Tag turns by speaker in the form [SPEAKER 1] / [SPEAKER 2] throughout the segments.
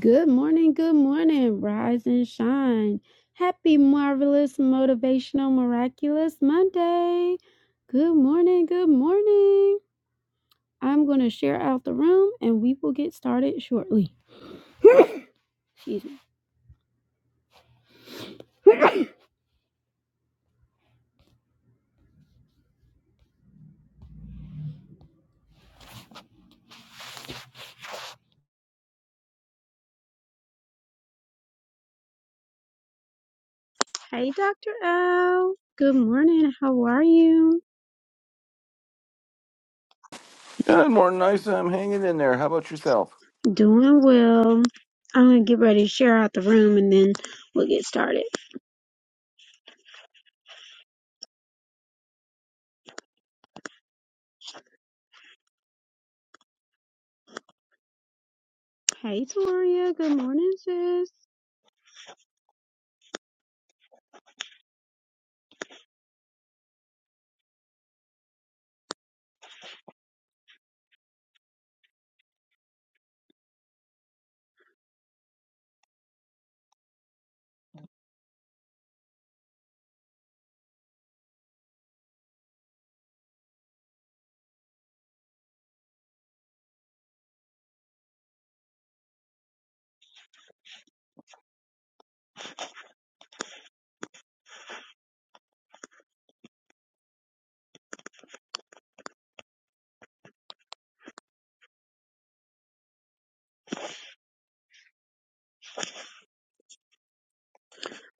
[SPEAKER 1] Good morning, good morning, rise and shine. Happy, marvelous, motivational, miraculous Monday. Good morning, good morning. I'm going to share out the room and we will get started shortly. Excuse me. Hey, Dr. L. Good morning. How are you?
[SPEAKER 2] Good morning, Nisa. I'm hanging in there. How about yourself?
[SPEAKER 1] Doing well. I'm going to get ready to share out the room and then we'll get started. Hey, Toria. Good morning, sis.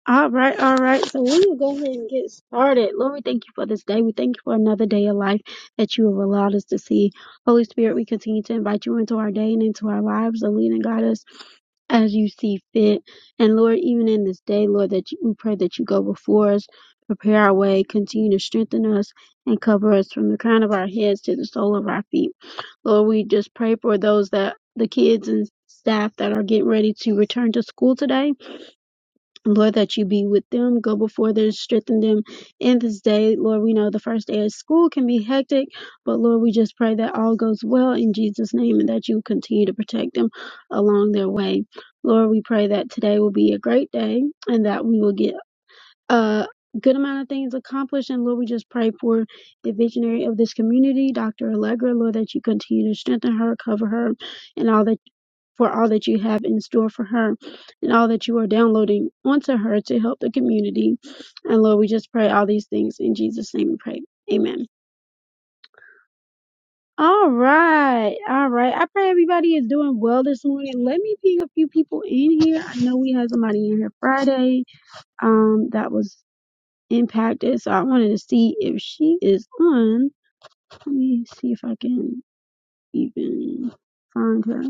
[SPEAKER 1] All right, all right. So we will go ahead and get started. Lord, we thank you for this day. We thank you for another day of life that you have allowed us to see. Holy Spirit, we continue to invite you into our day and into our lives and lead and guide us as you see fit. And Lord, even in this day, Lord, that you, we pray that you go before us, prepare our way, continue to strengthen us, and cover us from the crown of our heads to the sole of our feet. Lord, we just pray for those that the kids and staff that are getting ready to return to school today. Lord, that you be with them, go before them, strengthen them in this day. Lord, we know the first day of school can be hectic, but Lord, we just pray that all goes well in Jesus' name and that you continue to protect them along their way. Lord, we pray that today will be a great day and that we will get a good amount of things accomplished. And Lord, we just pray for the visionary of this community, Dr. Allegra, Lord, that you continue to strengthen her, cover her, and all that for all that you have in store for her and all that you are downloading onto her to help the community. And Lord, we just pray all these things in Jesus' name we pray. Amen. All right. All right. I pray everybody is doing well this morning. Let me ping a few people in here. I know we had somebody in here Friday um that was impacted. So I wanted to see if she is on. Let me see if I can even find her.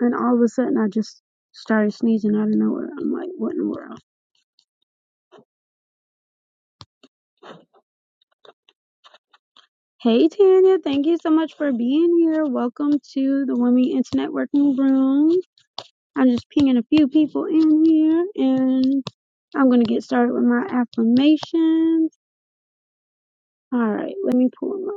[SPEAKER 1] And all of a sudden I just started sneezing out of nowhere. I'm like, what in the world? Hey Tanya, thank you so much for being here. Welcome to the Women Internet Working Room. I'm just pinging a few people in here and I'm going to get started with my affirmations. All right, let me pull them up.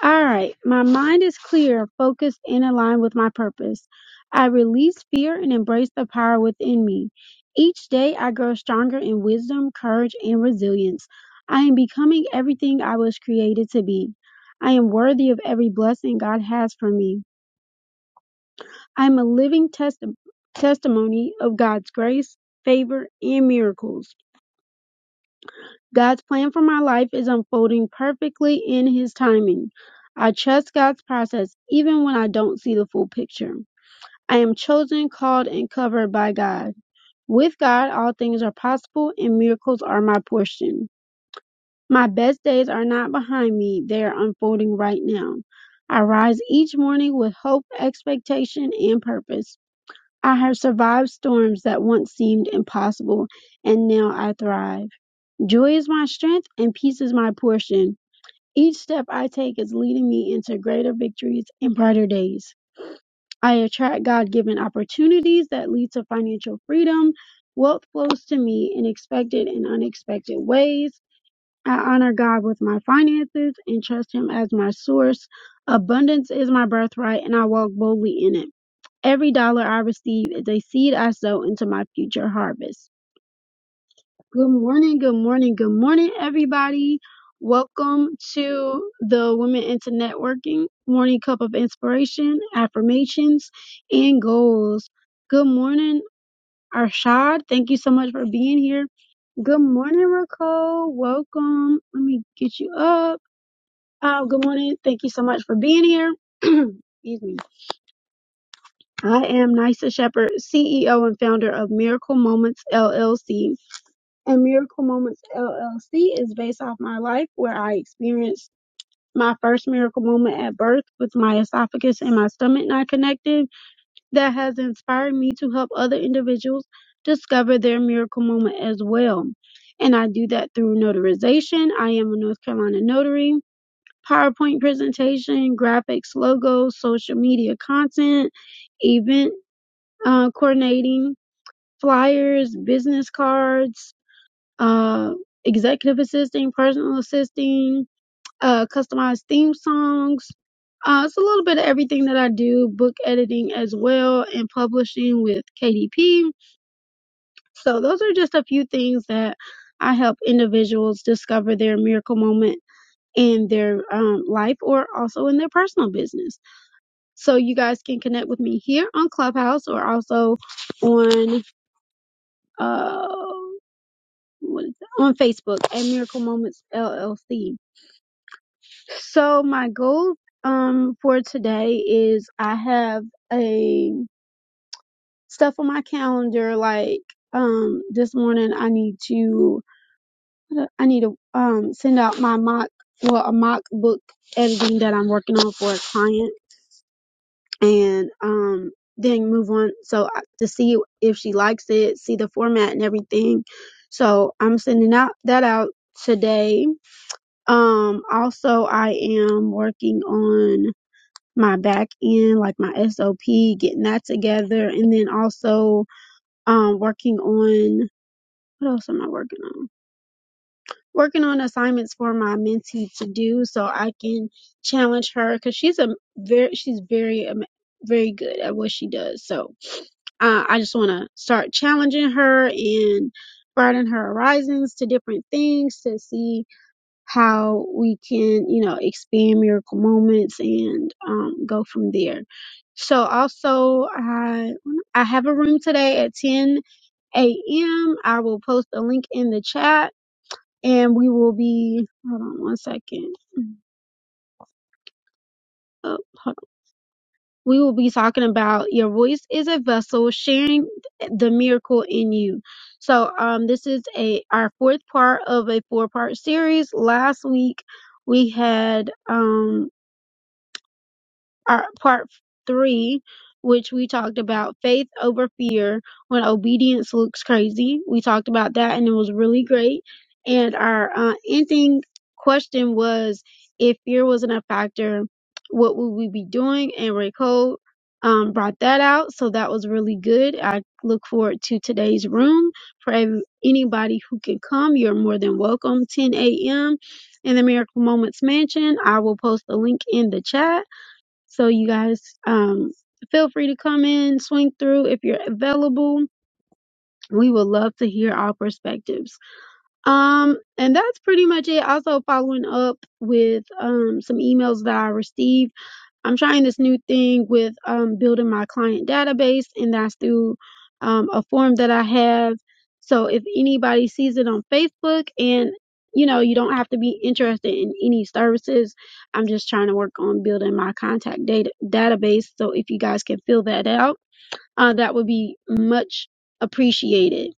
[SPEAKER 1] All right, my mind is clear, focused, and aligned with my purpose. I release fear and embrace the power within me. Each day, I grow stronger in wisdom, courage, and resilience. I am becoming everything I was created to be. I am worthy of every blessing God has for me. I am a living testi- testimony of God's grace, favor, and miracles. God's plan for my life is unfolding perfectly in His timing. I trust God's process even when I don't see the full picture. I am chosen, called, and covered by God. With God, all things are possible and miracles are my portion. My best days are not behind me, they are unfolding right now. I rise each morning with hope, expectation, and purpose. I have survived storms that once seemed impossible, and now I thrive. Joy is my strength and peace is my portion. Each step I take is leading me into greater victories and brighter days. I attract God given opportunities that lead to financial freedom. Wealth flows to me in expected and unexpected ways. I honor God with my finances and trust Him as my source. Abundance is my birthright and I walk boldly in it. Every dollar I receive is a seed I sow into my future harvest. Good morning, good morning, good morning, everybody. Welcome to the Women into Networking Morning Cup of Inspiration, Affirmations, and Goals. Good morning, Arshad. Thank you so much for being here. Good morning, Raquel. Welcome. Let me get you up. Uh, good morning. Thank you so much for being here. Excuse me. I am Nisa Shepherd, CEO and founder of Miracle Moments LLC. and Miracle Moments LLC is based off my life where I experienced my first miracle moment at birth with my esophagus and my stomach not connected that has inspired me to help other individuals discover their miracle moment as well. And I do that through notarization. I am a North Carolina notary, PowerPoint presentation, graphics, logos, social media content, event uh, coordinating, flyers, business cards, uh, executive assisting, personal assisting, uh, customized theme songs. Uh, it's a little bit of everything that I do, book editing as well, and publishing with KDP. So those are just a few things that I help individuals discover their miracle moment in their um, life or also in their personal business. So you guys can connect with me here on Clubhouse or also on uh, what is that? on Facebook at Miracle Moments LLC. So my goal um for today is I have a stuff on my calendar like um this morning I need to uh, I need to um send out my mock well a mock book editing that I'm working on for a client and um then move on so I- to see if she likes it, see the format and everything. So I'm sending out that out today. Um also I am working on my back end, like my SOP, getting that together, and then also um, working on what else am I working on? Working on assignments for my mentee to do, so I can challenge her because she's a very she's very am- very good at what she does. So uh, I just want to start challenging her and broaden her horizons to different things to see how we can, you know, expand miracle moments and um, go from there. So also, I I have a room today at 10 a.m. I will post a link in the chat, and we will be. Hold on one second. Oh, hold on. We will be talking about your voice is a vessel, sharing the miracle in you. So, um, this is a our fourth part of a four part series. Last week we had um our part three, which we talked about faith over fear when obedience looks crazy. We talked about that and it was really great. And our uh, ending question was if fear wasn't a factor, what would we be doing? And Raycole um, brought that out. So that was really good. I look forward to today's room. For ev- anybody who can come, you're more than welcome. 10 a.m. in the Miracle Moments Mansion. I will post the link in the chat so you guys um, feel free to come in, swing through if you're available. We would love to hear our perspectives. Um, and that's pretty much it. Also following up with um, some emails that I received I'm trying this new thing with um, building my client database, and that's through um, a form that I have. So if anybody sees it on Facebook, and you know, you don't have to be interested in any services. I'm just trying to work on building my contact data database. So if you guys can fill that out uh, that would be much appreciated.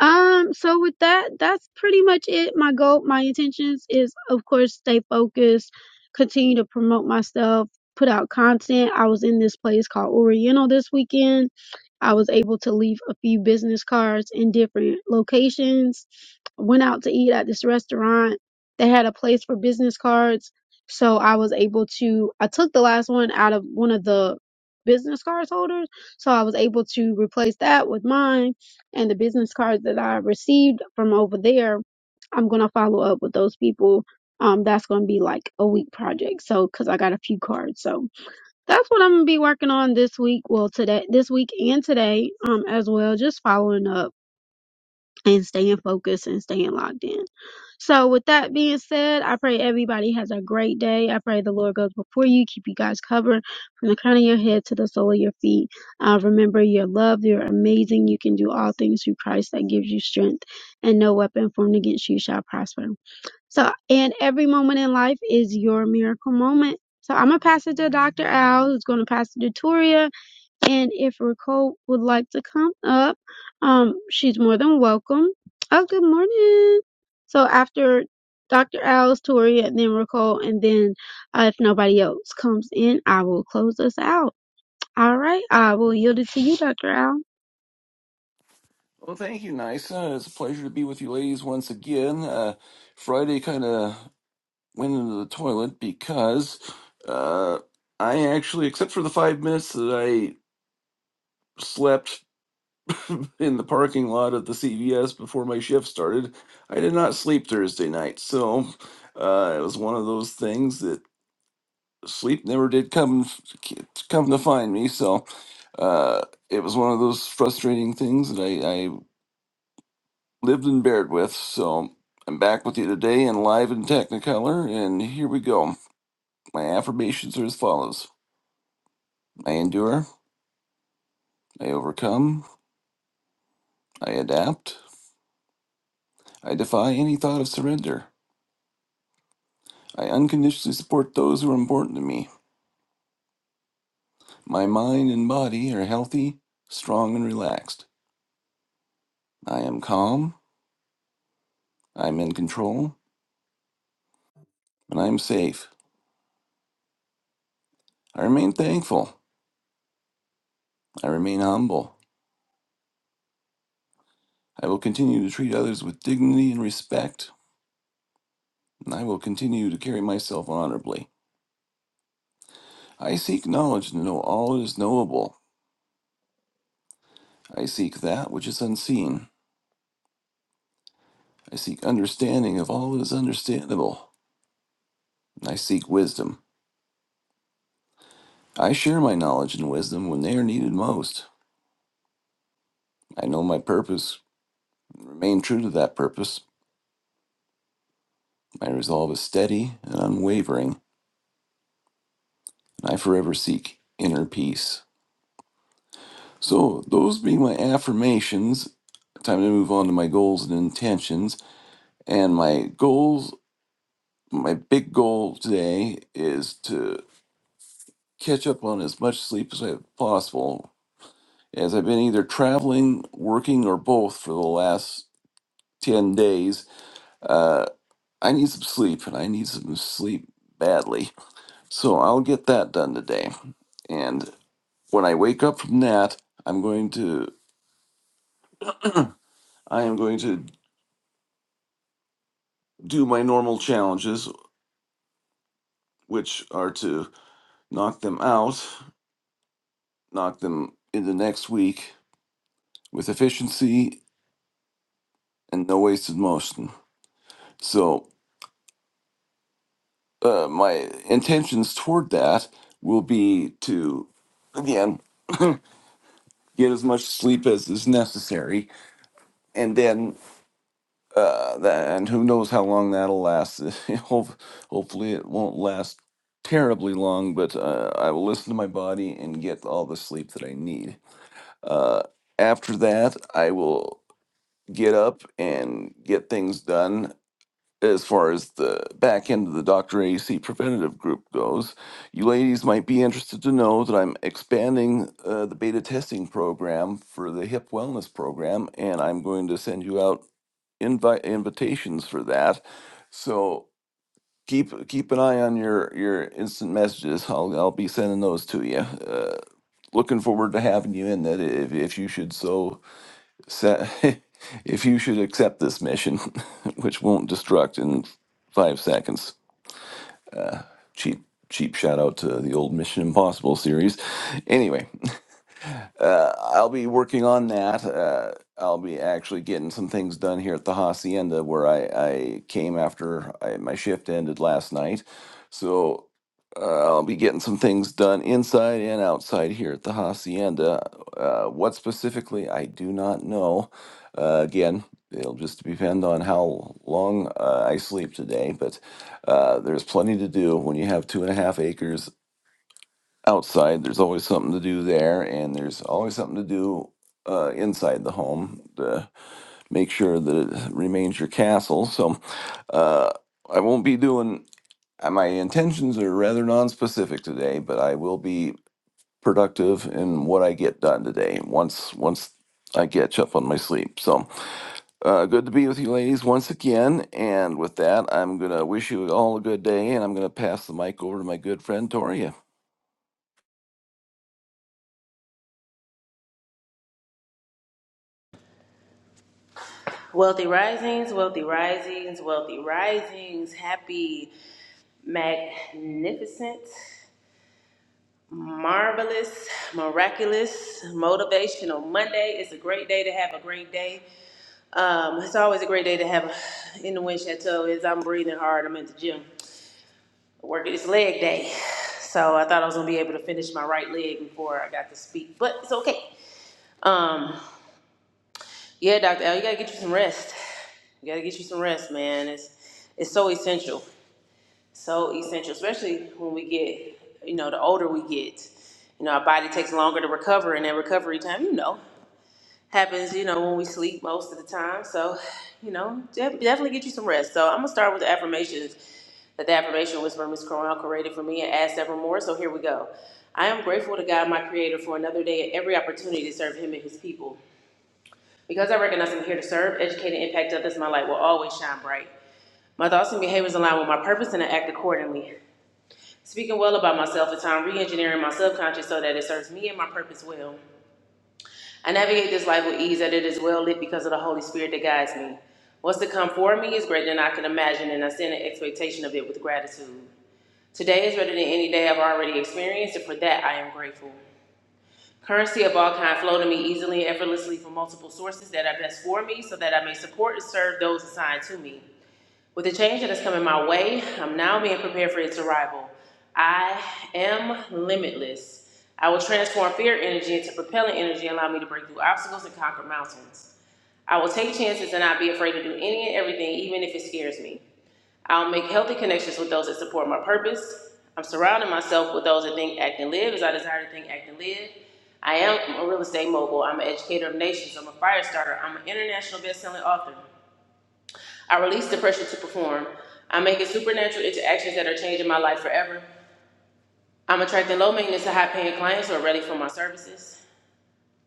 [SPEAKER 1] Um, so with that, that's pretty much it. My goal, my intentions is of course stay focused, continue to promote myself, put out content. I was in this place called Oriental this weekend I was able to leave a few business cards in different locations. Went out to eat at this restaurant. They had a place for business cards. So I was able to, I took the last one out of one of the business cards holders. So I was able to replace that with mine and the business cards that I received from over there. I'm going to follow up with those people. Um, that's going to be like a week project. So, cause I got a few cards. So, that's what I'm gonna be working on this week. Well, today, this week and today, um, as well, just following up and staying focused and staying locked in. So, with that being said, I pray everybody has a great day. I pray the Lord goes before you, keep you guys covered from the crown of your head to the sole of your feet. Uh, remember, you're loved, you're amazing, you can do all things through Christ that gives you strength, and no weapon formed against you shall prosper. So, and every moment in life is your miracle moment. So, I'm going to pass it to Dr. Al, who's going to pass it to Toria. And if Nicole would like to come up, um, she's more than welcome. Oh, good morning. So, after Dr. Al's Toria, and then Nicole, and then uh, if nobody else comes in, I will close us out. All right. I will yield it to you, Dr. Al.
[SPEAKER 2] Well, thank you, Nisa. It's a pleasure to be with you ladies once again. Uh, Friday kind of went into the toilet because uh, I actually, except for the five minutes that I slept in the parking lot of the CVS before my shift started, I did not sleep Thursday night. So uh, it was one of those things sleep never did come come to find me. So uh, it was one of those frustrating things that I, I lived and bared with. So I'm back with you today and live in Technicolor. And here we go. My affirmations are as follows I endure, I overcome, I adapt, I defy any thought of surrender. I unconditionally support those who are important to me. My mind and body are healthy, strong, and relaxed. I am calm, I'm in control, and I'm safe. I remain thankful. I remain humble. I will continue to treat others with dignity and respect, and I will continue to carry myself honorably. I seek knowledge to know all that is knowable. I seek that which is unseen. I seek understanding of all that is understandable. and I seek wisdom. I share my knowledge and wisdom when they are needed most. I know my purpose and remain true to that purpose. My resolve is steady and unwavering, and I forever seek inner peace. So, those being my affirmations, time to move on to my goals and intentions. And my goals, my big goal today is to catch up on as much sleep as I possible. As I've been either traveling, working, or both for the last 10 days, uh, I need some sleep and I need some sleep badly. So, I'll get that done today. And when I wake up from that, I'm going to. I am going to do my normal challenges which are to knock them out, knock them in the next week with efficiency and no wasted motion. So, uh, my intentions toward that will be to, again, get as much sleep as is necessary, and then, uh, that, and who knows how long that'll last. Ho- Hopefully, it won't last terribly long, but uh, I will listen to my body and get all the sleep that I need. Uh, after that, I will. get up and get things done as far as the back end of the Dr. AC preventative group goes. You ladies might be interested to know that I'm expanding uh, the beta testing program for the hip wellness program, and I'm going to send you out invite invitations for that. So keep keep an eye on your your instant messages. I'll I'll be sending those to you. Uh, looking forward to having you in that if if you should so sa- if you should accept this mission, which won't destruct in five seconds. Cheap, cheap shout out to the old Mission Impossible series. Anyway, uh, I'll be working on that. Uh, I'll be actually getting some things done here at the hacienda where I, I came after I, my shift ended last night. So uh, I'll be getting some things done inside and outside here at the hacienda. Uh, what specifically, I do not know. Uh, again, it'll just depend on how long uh, I sleep today, but uh, there's plenty to do when you have two and a half acres outside there's always something to do there and there's always something to do uh, inside the home to make sure that it remains your castle so uh, i won't be doing uh, my intentions are rather non-specific today but i will be productive in what i get done today once once i catch up on my sleep so uh, good to be with you ladies once again and with that i'm gonna wish you all a good day and i'm gonna pass the mic over to my good friend tori
[SPEAKER 3] Wealthy risings, wealthy risings, wealthy risings. Happy, magnificent, marvelous, miraculous, motivational Monday. It's a great day to have a great day. Um, it's always a great day to have a, in the wind chateau. Is I'm breathing hard. I'm at the gym working. It's leg day, so I thought I was gonna be able to finish my right leg before I got to speak, but it's okay. Um, yeah, Doctor L, you gotta get you some rest. You gotta get you some rest, man. It's it's so essential. so essential, especially when we get, you know, the older we get. You know, our body takes longer to recover, and that recovery time, you know, happens, you know, when we sleep most of the time. So, you know, def- definitely get you some rest. So, I'm going to start with the affirmations that the affirmation whisper Miss Cornell created for me and add several more. So, here we go. I am grateful to God, my creator, for another day and every opportunity to serve him and his people. Because I recognize I'm here to serve, educate, and impact others, my light will always shine bright. My thoughts and behaviors align with my purpose and I act accordingly. Speaking well about myself at time re-engineering my subconscious so that it serves me and my purpose well. I navigate this life with ease that it is well lit because of the Holy Spirit that guides me. What's to come for me is greater than I can imagine, and I stand in expectation of it with gratitude. Today is better than any day I've already experienced, and for that I am grateful. Currency of all kind flow to me easily and effortlessly from multiple sources that are best for me so that I may support and serve those assigned to me. With the change that is coming my way, I'm now being prepared for its arrival. I am limitless. I will transform fear energy into propelling energy, and allow me to break through obstacles and conquer mountains. I will take chances and not be afraid to do any and everything, even if it scares me. I'll make healthy connections with those that support my purpose. I'm surrounding myself with those that think, act, and live as I desire to think, act, and live. I am a real estate mogul. I'm an educator of nations. I'm a fire starter. I'm an international best-selling author. I release the pressure to perform. I'm making supernatural interactions that are changing my life forever. I'm attracting low maintenance to high paying clients who are ready for my services.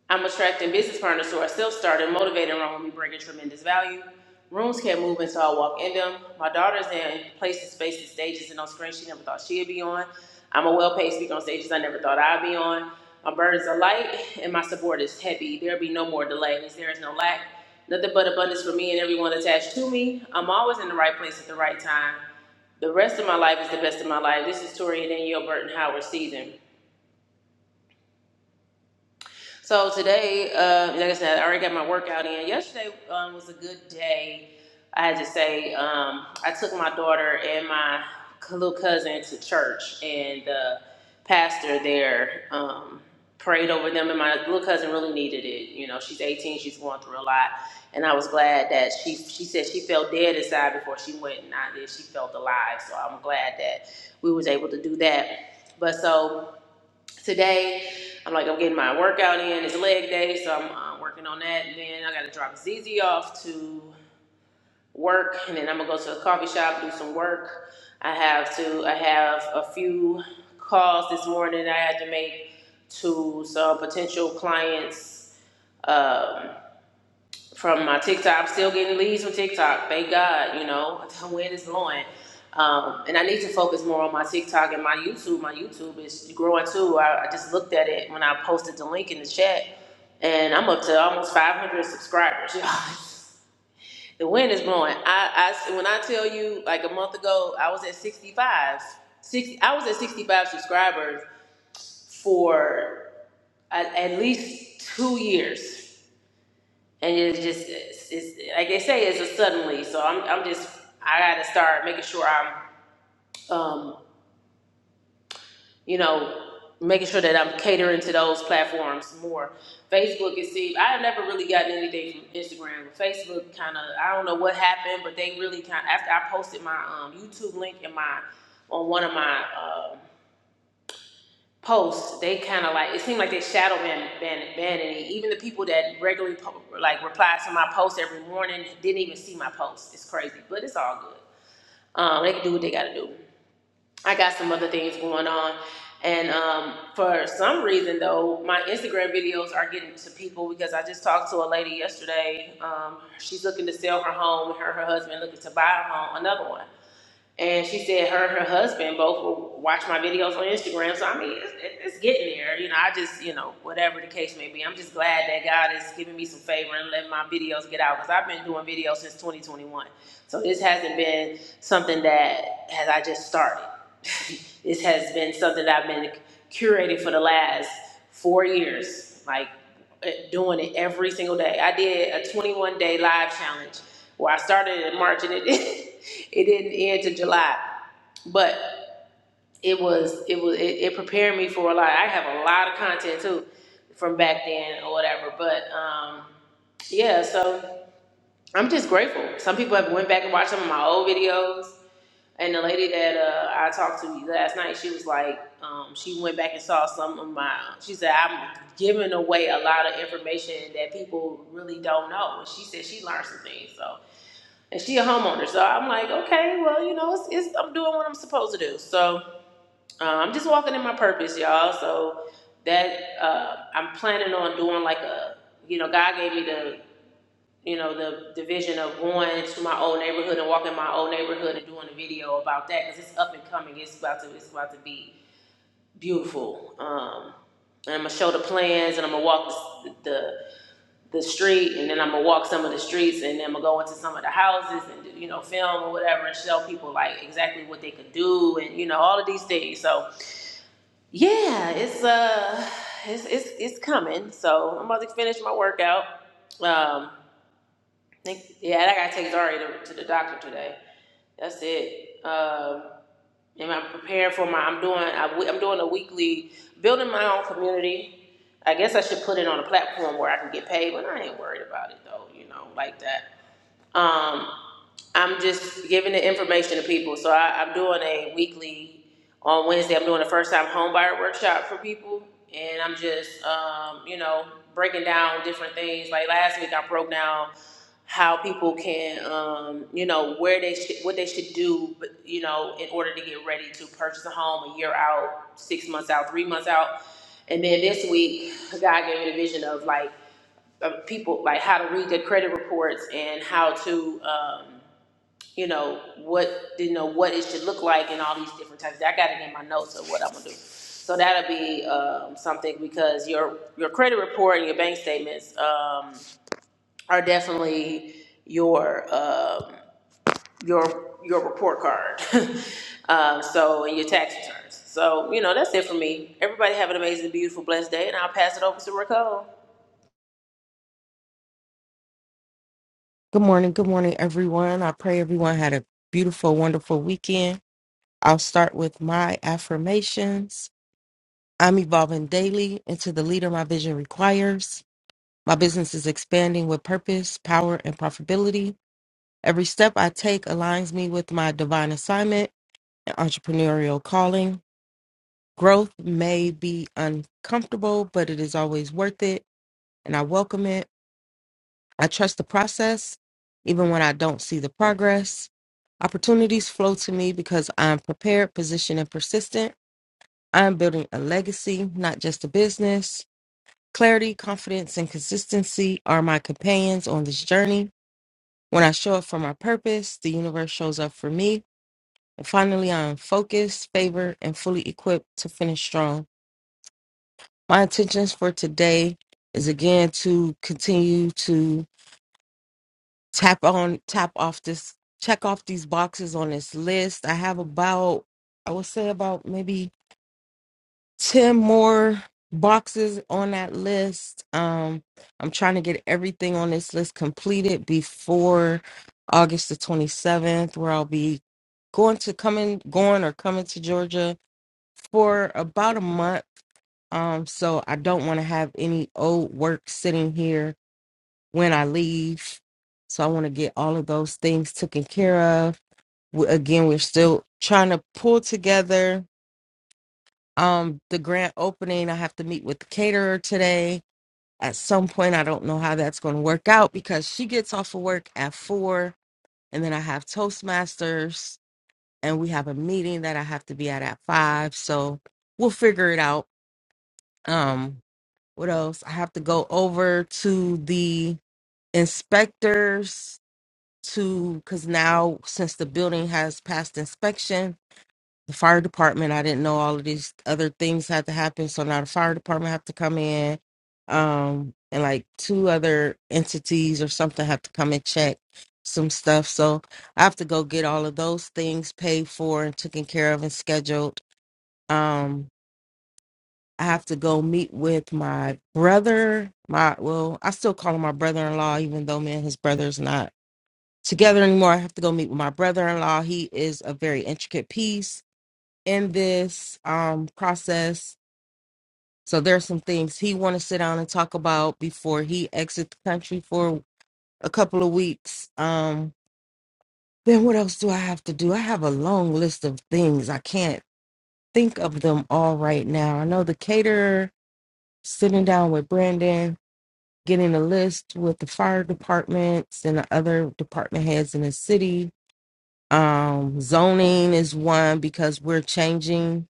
[SPEAKER 3] I'm attracting business partners who are self-started, motivated, and wrong with me, bringing tremendous value. Rooms can't move until I walk in them. My daughter's in places, spaces, stages, and on screens she never thought she'd be on. I'm a well-paid speaker on stages I never thought I'd be on. My burdens are light and my support is heavy. There'll be no more delays. There is no lack. Nothing but abundance for me and everyone attached to me. I'm always in the right place at the right time. The rest of my life is the best of my life. This is Tori and Danielle Burton Howard season. So today, uh, like I said, I already got my workout in. Yesterday um, was a good day. I had to say, um, I took my daughter and my little cousin to church, and the pastor there um, prayed over them. And my little cousin really needed it. You know, she's 18, she's going through a lot, and I was glad that she she said she felt dead inside before she went, and I did. She felt alive, so I'm glad that we was able to do that. But so today. I'm like, I'm getting my workout in. It's leg day, so I'm uh, working on that. And then I got to drop ZZ off to work, and then I'm gonna go to a coffee shop do some work. I have to. I have a few calls this morning I had to make to some potential clients. Um, from my TikTok. I'm still getting leads from TikTok. Thank God, you know, where it is going. Um, and I need to focus more on my TikTok and my YouTube. My YouTube is growing too. I, I just looked at it when I posted the link in the chat, and I'm up to almost 500 subscribers. y'all. the wind is blowing. I, I when I tell you, like a month ago, I was at 65. 60, I was at 65 subscribers for at, at least two years and it's just it's, it's like they say it's a suddenly so i'm i'm just i got to start making sure i'm um you know making sure that i'm catering to those platforms more facebook is see i have never really gotten anything from instagram facebook kind of i don't know what happened but they really kind of, after i posted my um youtube link in my on one of my um posts, they kind of like it seemed like they shadow ban ban banning it. Even the people that regularly po- like reply to my posts every morning didn't even see my posts. It's crazy, but it's all good. Um, they can do what they got to do. I got some other things going on, and um, for some reason though, my Instagram videos are getting to people because I just talked to a lady yesterday. Um, she's looking to sell her home. Her and her husband looking to buy a home, another one. And she said her and her husband both will watch my videos on Instagram. So I mean, it's, it's getting there. You know, I just, you know, whatever the case may be, I'm just glad that God is giving me some favor and letting my videos get out because I've been doing videos since 2021. So this hasn't been something that has I just started. this has been something that I've been curating for the last four years, like eh, doing it every single day. I did a 21 day live challenge where I started in March and it It didn't end to July, but it was it was it, it prepared me for a lot. I have a lot of content too from back then or whatever. But um, yeah, so I'm just grateful. Some people have went back and watched some of my old videos. And the lady that uh, I talked to last night, she was like, um, she went back and saw some of my. She said I'm giving away a lot of information that people really don't know. And she said she learned some things. so and she a homeowner. So I'm like, okay, well, you know, it's, it's I'm doing what I'm supposed to do. So uh, I'm just walking in my purpose, y'all. So that uh, I'm planning on doing like a, you know, God gave me the, you know, the, the vision of going to my old neighborhood and walking my old neighborhood and doing a video about that because it's up and coming. It's about to, it's about to be beautiful. Um, and I'm gonna show the plans and I'm gonna walk the, the the street and then I'm gonna walk some of the streets and then I'm gonna go into some of the houses and do, you know film or whatever and show people like exactly what they could do and you know all of these things. So yeah, it's uh it's it's it's coming. So I'm about to finish my workout. Um think- yeah, and I gotta take Zari to, to the doctor today. That's it. Um and I'm preparing for my I'm doing I, w- i am doing a weekly building my own community I guess I should put it on a platform where I can get paid, but I ain't worried about it though, you know, like that. Um, I'm just giving the information to people. So I, I'm doing a weekly, on Wednesday, I'm doing a first time home buyer workshop for people. And I'm just, um, you know, breaking down different things. Like last week, I broke down how people can, um, you know, where they should, what they should do, but, you know, in order to get ready to purchase a home a year out, six months out, three months out. And then this week, God gave me the vision of like, uh, people like how to read their credit reports and how to um, you know what you know what it should look like and all these different types. I got it in my notes of what I'm gonna do. So that'll be um, something because your your credit report and your bank statements um, are definitely your um, your your report card. um, so and your tax returns. So you know that's it for me. Everybody have an amazing, beautiful, blessed day, and I'll pass it over to Raquel.
[SPEAKER 4] Good morning. Good morning, everyone. I pray everyone had a beautiful, wonderful weekend. I'll start with my affirmations. I'm evolving daily into the leader my vision requires. My business is expanding with purpose, power, and profitability. Every step I take aligns me with my divine assignment and entrepreneurial calling. Growth may be uncomfortable, but it is always worth it, and I welcome it. I trust the process, even when I don't see the progress. Opportunities flow to me because I'm prepared, positioned, and persistent. I'm building a legacy, not just a business. Clarity, confidence, and consistency are my companions on this journey. When I show up for my purpose, the universe shows up for me. And finally, I am focused, favored, and fully equipped to finish strong. My intentions for today is again to continue to tap on tap off this check off these boxes on this list i have about i would say about maybe 10 more boxes on that list um i'm trying to get everything on this list completed before august the 27th where i'll be going to coming going or coming to georgia for about a month um so i don't want to have any old work sitting here when I leave. So I want to get all of those things taken care of. We, again, we're still trying to pull together um, the grand opening. I have to meet with the caterer today. At some point, I don't know how that's going to work out because she gets off of work at four, and then I have Toastmasters, and we have a meeting that I have to be at at five. So we'll figure it out. Um, what else? I have to go over to the inspectors to because now since the building has passed inspection the fire department i didn't know all of these other things had to happen so now the fire department have to come in um and like two other entities or something have to come and check some stuff so i have to go get all of those things paid for and taken care of and scheduled um i have to go meet with my brother my well i still call him my brother-in-law even though me and his brother's not together anymore. I have to go meet with my brother in law. He is a very intricate piece in this um, process. So there's some things he want to sit down and talk about before he exits the country for a couple of weeks. Um, then what else do I have to do? I have a long list of things. I can't think of them all right now. I know the caterer, sitting down with Brandon, getting a list with the fire departments and the other department heads in the city Um, zoning is one because we're changing.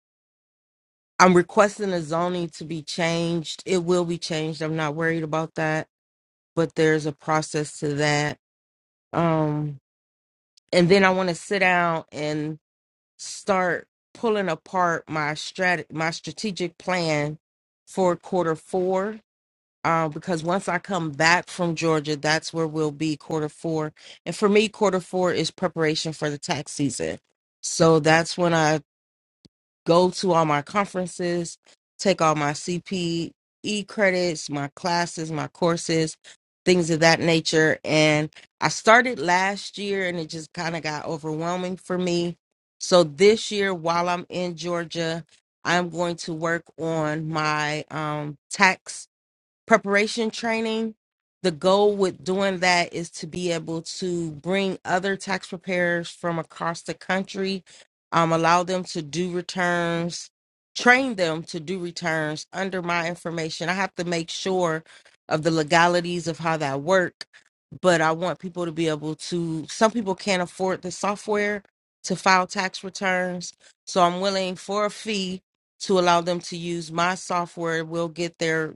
[SPEAKER 4] I'm requesting the zoning to be changed. It will be changed. I'm not worried about that, but there's a process to that. Um, and then I want to sit down and start pulling apart my strat my strategic plan for quarter four. Uh, because once I come back from Georgia, that's where we'll be quarter four. And for me, quarter four is preparation for the tax season. So that's when I go to all my conferences, take all my CPE credits, my classes, my courses, things of that nature. And I started last year and it just kind of got overwhelming for me. So this year, while I'm in Georgia, I'm going to work on my um, tax preparation training. The goal with doing that is to be able to bring other tax preparers from across the country, um, allow them to do returns, train them to do returns under my information. I have to make sure of the legalities of how that work, but I want people to be able to. Some people can't afford the software to file tax returns, so I'm willing for a fee to allow them to use my software. We'll get their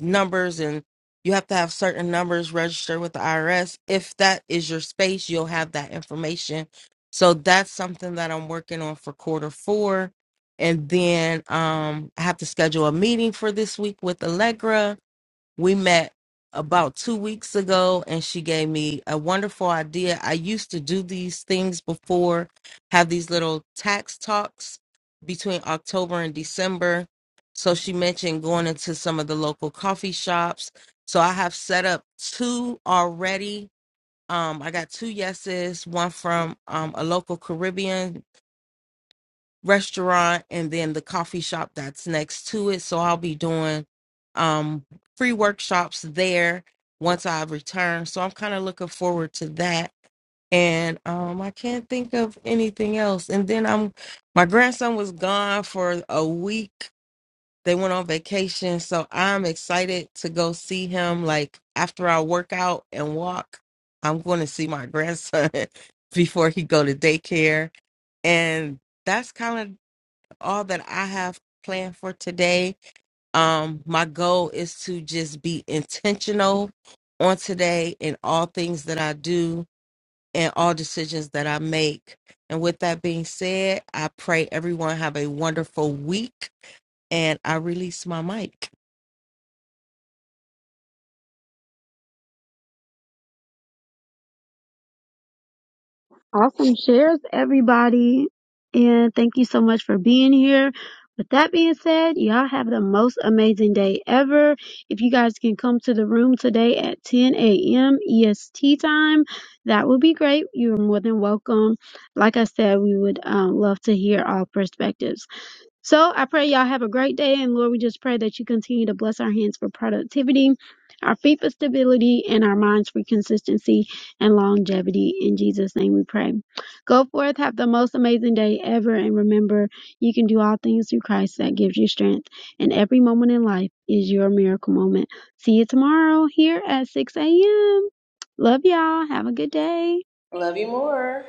[SPEAKER 4] numbers and you have to have certain numbers registered with the IRS. If that is your space, you'll have that information. So that's something that I'm working on for quarter four. And then um, I have to schedule a meeting for this week with Allegra we met about two weeks ago, and she gave me a wonderful idea. I used to do these things before, have these little tax talks between October and December. So she mentioned going into some of the local coffee shops. So I have set up two already. Um, I got two yeses, one from um, a local Caribbean restaurant and then the coffee shop that's next to it. So I'll be doing um, free workshops there once I return. So I'm kind of looking forward to that. And um, I can't think of anything else. And then I'm my grandson was gone for a week. They went on vacation, so I'm excited to go see him. Like after I work out and walk, I'm going to see my grandson before he go to daycare. And that's kind of all that I have planned for today. Um, my goal is to just be intentional on today in all things that I do and all decisions that I make. And with that being said, I pray everyone have a wonderful week and I release my mic.
[SPEAKER 1] Awesome shares, everybody. And thank you so much for being here. With that being said, y'all have the most amazing day ever. If you guys can come to the room today at 10 a.m. EST time, that would be great. You're more than welcome. Like I said, we would um, love to hear all perspectives. So I pray y'all have a great day. And Lord, we just pray that you continue to bless our hands for productivity, our feet for stability, and our minds for consistency and longevity. In Jesus' name we pray. Go forth, have the most amazing day ever. And remember, you can do all things through Christ that gives you strength. And every moment in life is your miracle moment. See you tomorrow here at 6 a.m. Love y'all. Have a good day.
[SPEAKER 3] Love you more.